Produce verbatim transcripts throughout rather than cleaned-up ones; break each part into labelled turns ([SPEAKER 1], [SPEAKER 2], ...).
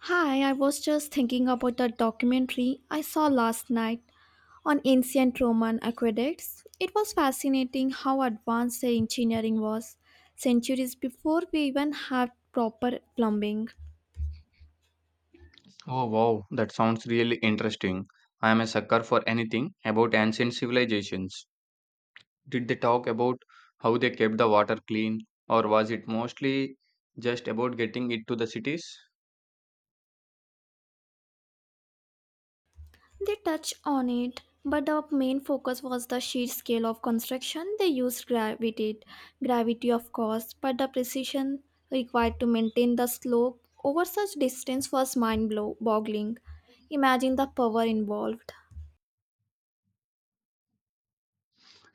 [SPEAKER 1] Hi, I was just thinking about the documentary I saw last night on ancient Roman aqueducts. It was fascinating how advanced the engineering was centuries before we even had proper plumbing.
[SPEAKER 2] Oh wow, that sounds really interesting. I am a sucker for anything about ancient civilizations. Did they talk about how they kept the water clean, or was it mostly just about getting it to the cities?
[SPEAKER 1] They touched on it, but the main focus was the sheer scale of construction. They used gravity, gravity of course, but the precision required to maintain the slope over such distance was mind-boggling. Imagine the power involved.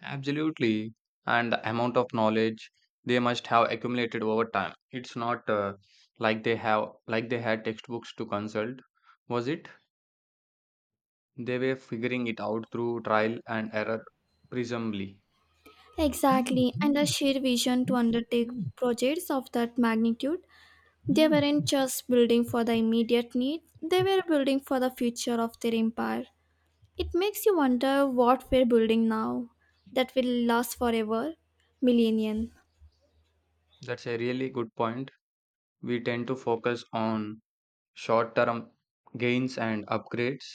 [SPEAKER 2] Absolutely. And the amount of knowledge they must have accumulated over time. It's not uh, like they have like they had textbooks to consult, was it? They were figuring it out through trial and error, presumably.
[SPEAKER 1] Exactly, and the sheer vision to undertake projects of that magnitude. They weren't just building for the immediate need, they were building for the future of their empire. It makes you wonder what we're building now that will last forever, millennium.
[SPEAKER 2] That's a really good point. We tend to focus on short term gains and upgrades.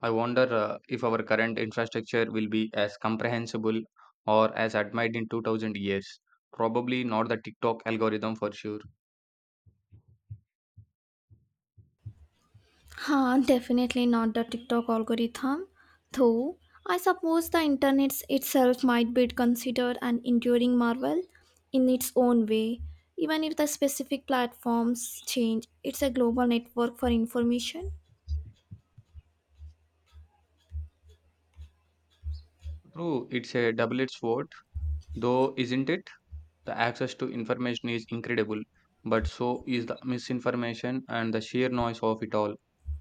[SPEAKER 2] I wonder uh, if our current infrastructure will be as comprehensible or as admired in two thousand years. Probably not the TikTok algorithm for sure.
[SPEAKER 1] Huh, definitely not the TikTok algorithm. Though, I suppose the internet itself might be considered an enduring marvel in its own way. Even if the specific platforms change, it's a global network for information.
[SPEAKER 2] True, it's a double edged sword, though, isn't it? The access to information is incredible, but so is the misinformation and the sheer noise of it all.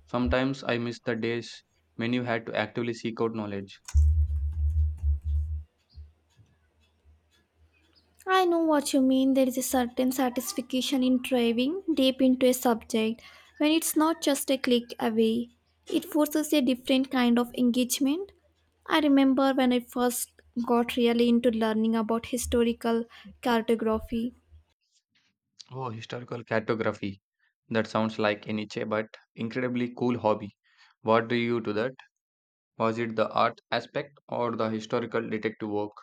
[SPEAKER 2] Sometimes I miss the days when you had to actively seek out knowledge.
[SPEAKER 1] I know what you mean. There is a certain satisfaction in diving deep into a subject when it's not just a click away. It forces a different kind of engagement. I remember when I first got really into learning about historical cartography.
[SPEAKER 2] Oh, historical cartography. That sounds like a niche but incredibly cool hobby. What drew you to that? Was it the art aspect or the historical detective work?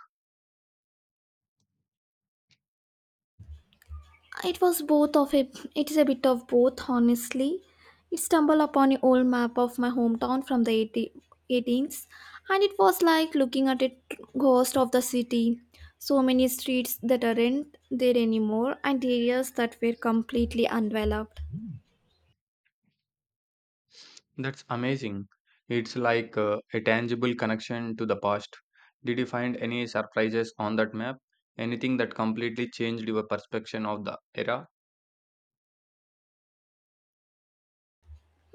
[SPEAKER 1] It was both of a It is a bit of both honestly. It stumbled upon an old map of my hometown from the eighty eighteenth, and it was like looking at a ghost of the city. So many streets that aren't there anymore and areas that were completely undeveloped.
[SPEAKER 2] Mm. That's amazing. It's like uh, a tangible connection to the past. Did you find any surprises on that map? Anything that completely changed your perception of the era?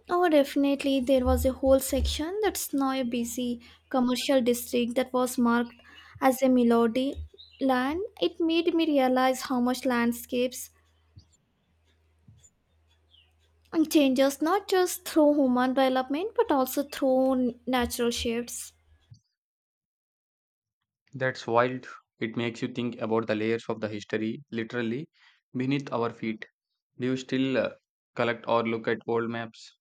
[SPEAKER 1] Oh, definitely there was a whole section that's now a busy commercial district that was marked as a melody land. It made me realize how much landscapes And changes not just through human development but also through n- natural shifts.
[SPEAKER 2] That's wild. It makes you think about the layers of the history literally beneath our feet. Do you still uh, collect or look at old maps?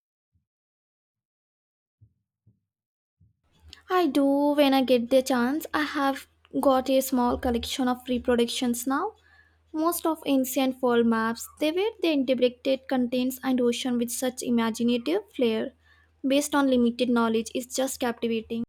[SPEAKER 1] I do when I get the chance. I have got a small collection of reproductions now. Most of ancient world maps, they were the integrated continents and ocean with such imaginative flair. Based on limited knowledge, is just captivating.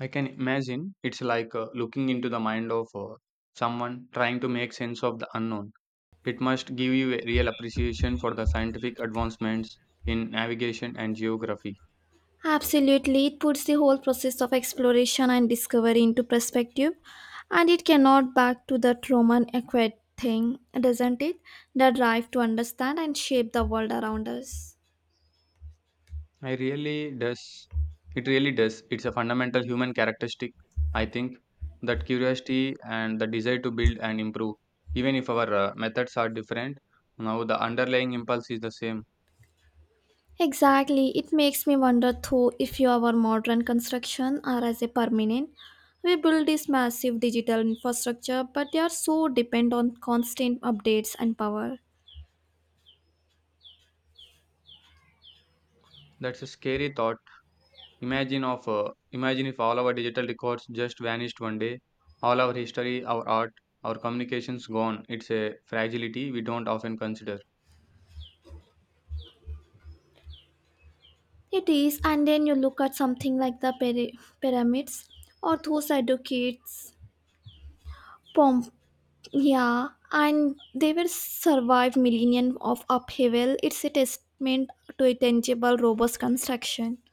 [SPEAKER 2] I can imagine it's like uh, looking into the mind of uh, someone trying to make sense of the unknown. It must give you a real appreciation for the scientific advancements in navigation and geography.
[SPEAKER 1] Absolutely, it puts the whole process of exploration and discovery into perspective, and it cannot back to that Roman aqueduct thing, doesn't it? The drive to understand and shape the world around us.
[SPEAKER 2] I really does. It really does. It's a fundamental human characteristic, I think, that curiosity and the desire to build and improve. Even if our uh, methods are different, now the underlying impulse is the same.
[SPEAKER 1] Exactly, it makes me wonder though if our modern construction are as a permanent. We build this massive digital infrastructure, but they are so dependent on constant updates and power.
[SPEAKER 2] That's a scary thought. Imagine of uh, imagine if all our digital records just vanished one day, all our history, our art, our communications gone. It's a fragility we don't often consider.
[SPEAKER 1] It is, and then you look at something like the pyra- pyramids or those educates Pomp, yeah, and they will survive millennia of upheaval. It's a testament to a tangible, robust construction.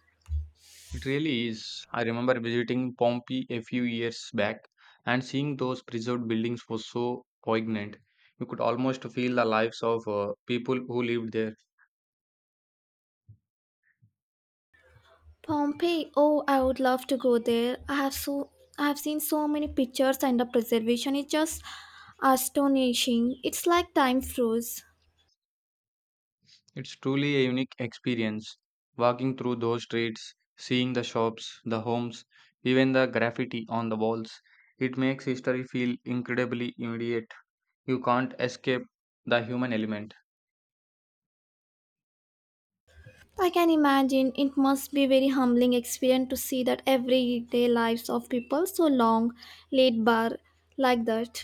[SPEAKER 2] It really is. I remember visiting Pompeii a few years back and seeing those preserved buildings was so poignant. You could almost feel the lives of uh, people who lived there.
[SPEAKER 1] Pompeii, oh, I would love to go there. I have so I have seen so many pictures, and the preservation is just astonishing. It's like time froze.
[SPEAKER 2] It's truly a unique experience walking through those streets, seeing the shops, the homes, even the graffiti on the walls. It makes history feel incredibly immediate. You can't escape the human element.
[SPEAKER 1] I can imagine it must be very humbling experience to see that everyday lives of people so long laid bare like that.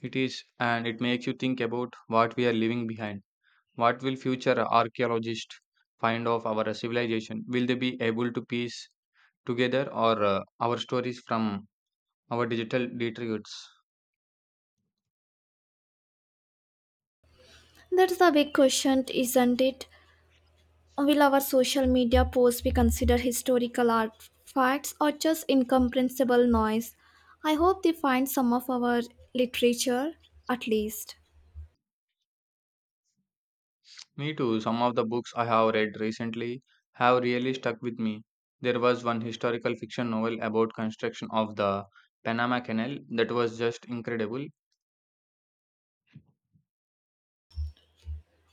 [SPEAKER 2] It is, and it makes you think about what we are leaving behind. What will future archaeologists find of our civilization? Will they be able to piece together or uh, our stories from our digital detritus?
[SPEAKER 1] That's the big question, isn't it? Will our social media posts be considered historical artifacts or just incomprehensible noise? I hope they find some of our literature at least.
[SPEAKER 2] Me too. Some of the books I have read recently have really stuck with me. There was one historical fiction novel about construction of the Panama Canal that was just incredible.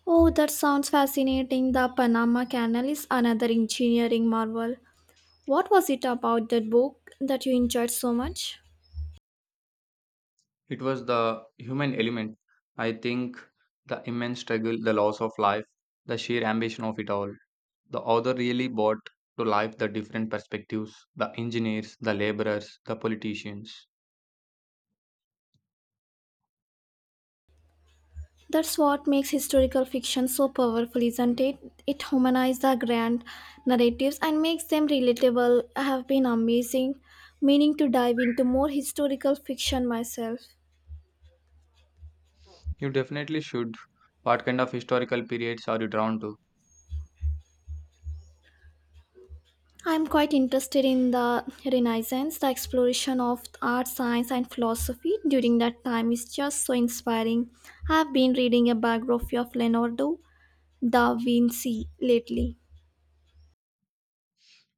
[SPEAKER 1] Oh, that sounds fascinating. The Panama Canal is another engineering marvel. What was it about that book that you enjoyed so much?
[SPEAKER 2] It was the human element. I think the immense struggle, the loss of life, the sheer ambition of it all. The author really brought to life the different perspectives, the engineers, the laborers, the politicians.
[SPEAKER 1] That's what makes historical fiction so powerful, isn't it? It humanizes the grand narratives and makes them relatable. I have been amazing, meaning to dive into more historical fiction myself.
[SPEAKER 2] You definitely should. What kind of historical periods are you drawn to?
[SPEAKER 1] I'm quite interested in the Renaissance. The exploration of art, science, and philosophy during that time is just so inspiring. I've been reading a biography of Leonardo da Vinci lately.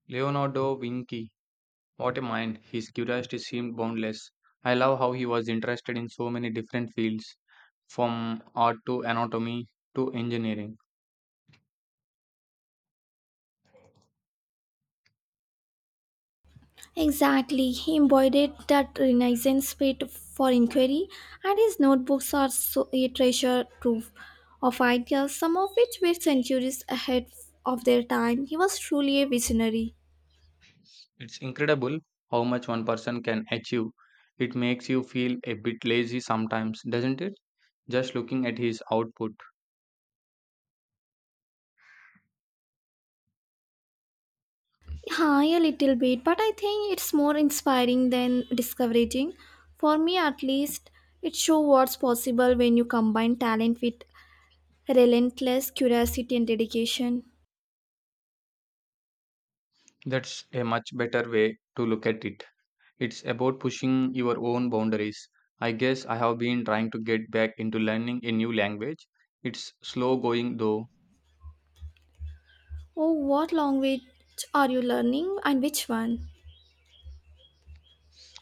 [SPEAKER 2] Leonardo Vinci. What a mind! His curiosity seemed boundless. I love how he was interested in so many different fields, from art to anatomy to engineering.
[SPEAKER 1] Exactly. He embodied that Renaissance spirit for inquiry, and his notebooks are so a treasure trove of ideas, some of which were centuries ahead of their time. He was truly a visionary.
[SPEAKER 2] It's incredible how much one person can achieve. It makes you feel a bit lazy sometimes, doesn't it? Just looking at his output.
[SPEAKER 1] Hi, a little bit, but I think it's more inspiring than discouraging. For me, at least, it shows what's possible when you combine talent with relentless curiosity and dedication.
[SPEAKER 2] That's a much better way to look at it. It's about pushing your own boundaries. I guess I have been trying to get back into learning a new language. It's slow going though.
[SPEAKER 1] Oh, what language are you learning, and which one?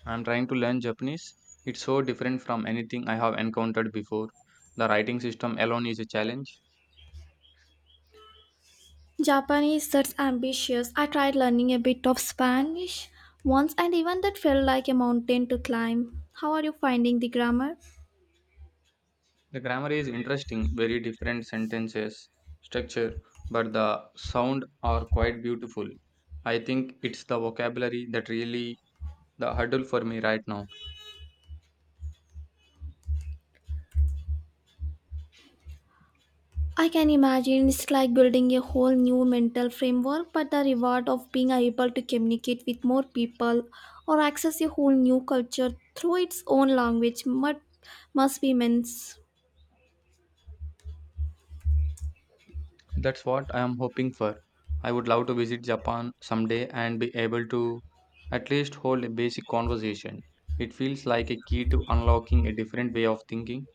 [SPEAKER 2] I'm trying to learn Japanese. It's so different from anything I have encountered before. The writing system alone is a challenge.
[SPEAKER 1] Japanese, that's ambitious. I tried learning a bit of Spanish once and even that felt like a mountain to climb. How are you finding the grammar?
[SPEAKER 2] The grammar is interesting, very different sentences, structure, but the sound are quite beautiful. I think it's the vocabulary that really the hurdle for me right now.
[SPEAKER 1] I can imagine it's like building a whole new mental framework, but the reward of being able to communicate with more people or access a whole new culture through its own language mu- must be immense.
[SPEAKER 2] That's what I am hoping for. I would love to visit Japan someday and be able to at least hold a basic conversation. It feels like a key to unlocking a different way of thinking.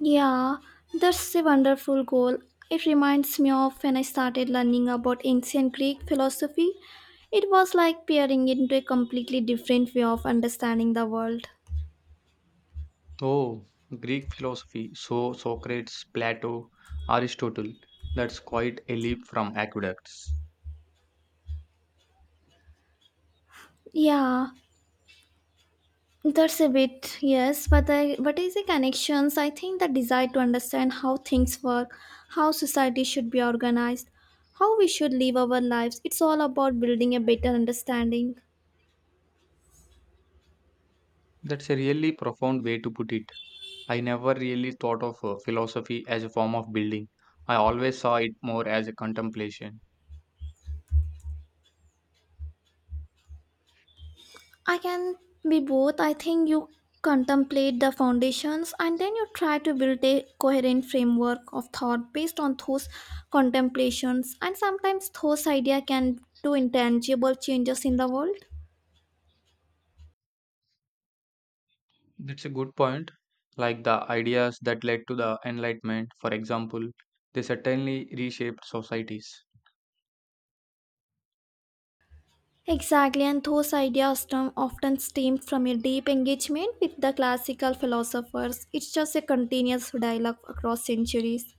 [SPEAKER 1] Yeah, that's a wonderful goal. It reminds me of when I started learning about ancient Greek philosophy. It was like peering into a completely different way of understanding the world.
[SPEAKER 2] Oh, Greek philosophy. So Socrates, Plato, Aristotle. That's quite a leap from aqueducts.
[SPEAKER 1] Yeah, that's a bit yes, but the but is the connections? I think the desire to understand how things work, how society should be organized, how we should live our lives. It's all about building a better understanding.
[SPEAKER 2] That's a really profound way to put it. I never really thought of uh, philosophy as a form of building. I always saw it more as a contemplation.
[SPEAKER 1] I can be both. I think you contemplate the foundations and then you try to build a coherent framework of thought based on those contemplations, and sometimes those ideas can do intangible changes in the world.
[SPEAKER 2] That's a good point. Like the ideas that led to the Enlightenment, for example, they certainly reshaped societies.
[SPEAKER 1] Exactly, and those ideas stem- often stem from a deep engagement with the classical philosophers. It's just a continuous dialogue across centuries.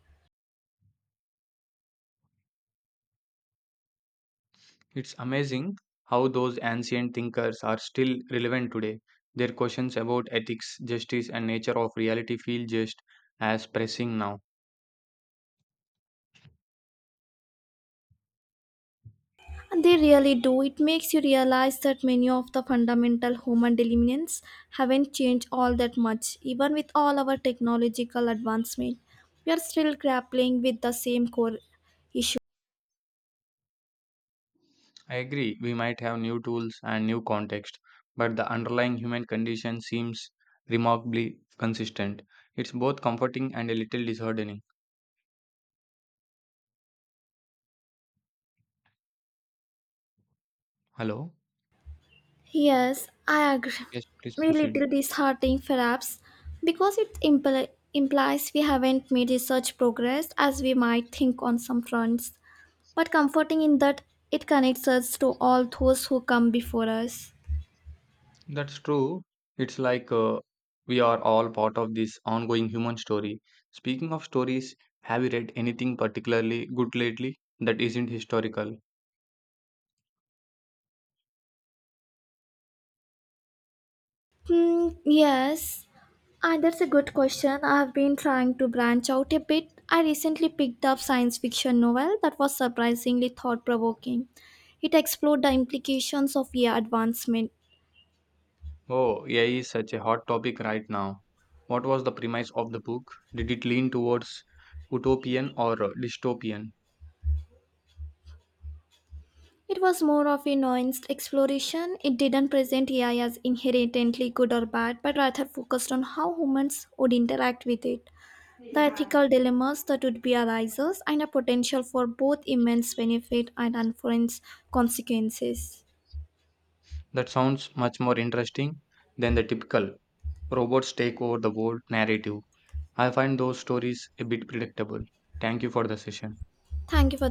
[SPEAKER 2] It's amazing how those ancient thinkers are still relevant today. Their questions about ethics, justice, and nature of reality feel just as pressing now.
[SPEAKER 1] They really do. It makes you realize that many of the fundamental human elements haven't changed all that much. Even with all our technological advancement, we are still grappling with the same core issue.
[SPEAKER 2] I agree, we might have new tools and new context, but the underlying human condition seems remarkably consistent. It's both comforting and a little disheartening. Hello?
[SPEAKER 1] Yes, I agree.
[SPEAKER 2] Yes, please
[SPEAKER 1] A
[SPEAKER 2] proceed.
[SPEAKER 1] little disheartening, perhaps, because it impl- implies we haven't made research progress as we might think on some fronts, but comforting in that it connects us to all those who come before us.
[SPEAKER 2] That's true. It's like uh, we are all part of this ongoing human story. Speaking of stories, have you read anything particularly good lately that isn't historical?
[SPEAKER 1] Hmm, yes, Ah, that's a good question. I have been trying to branch out a bit. I recently picked up science fiction novel that was surprisingly thought provoking. It explored the implications of A I advancement.
[SPEAKER 2] Oh, A I is such a hot topic right now. What was the premise of the book? Did it lean towards utopian or uh, dystopian?
[SPEAKER 1] It was more of a nuanced exploration. It didn't present A I as inherently good or bad, but rather focused on how humans would interact with it, the ethical dilemmas that would be arises, and a potential for both immense benefit and unforeseen consequences.
[SPEAKER 2] That sounds much more interesting than the typical robots take over the world narrative. I find those stories a bit predictable. Thank you for the session.
[SPEAKER 1] Thank you for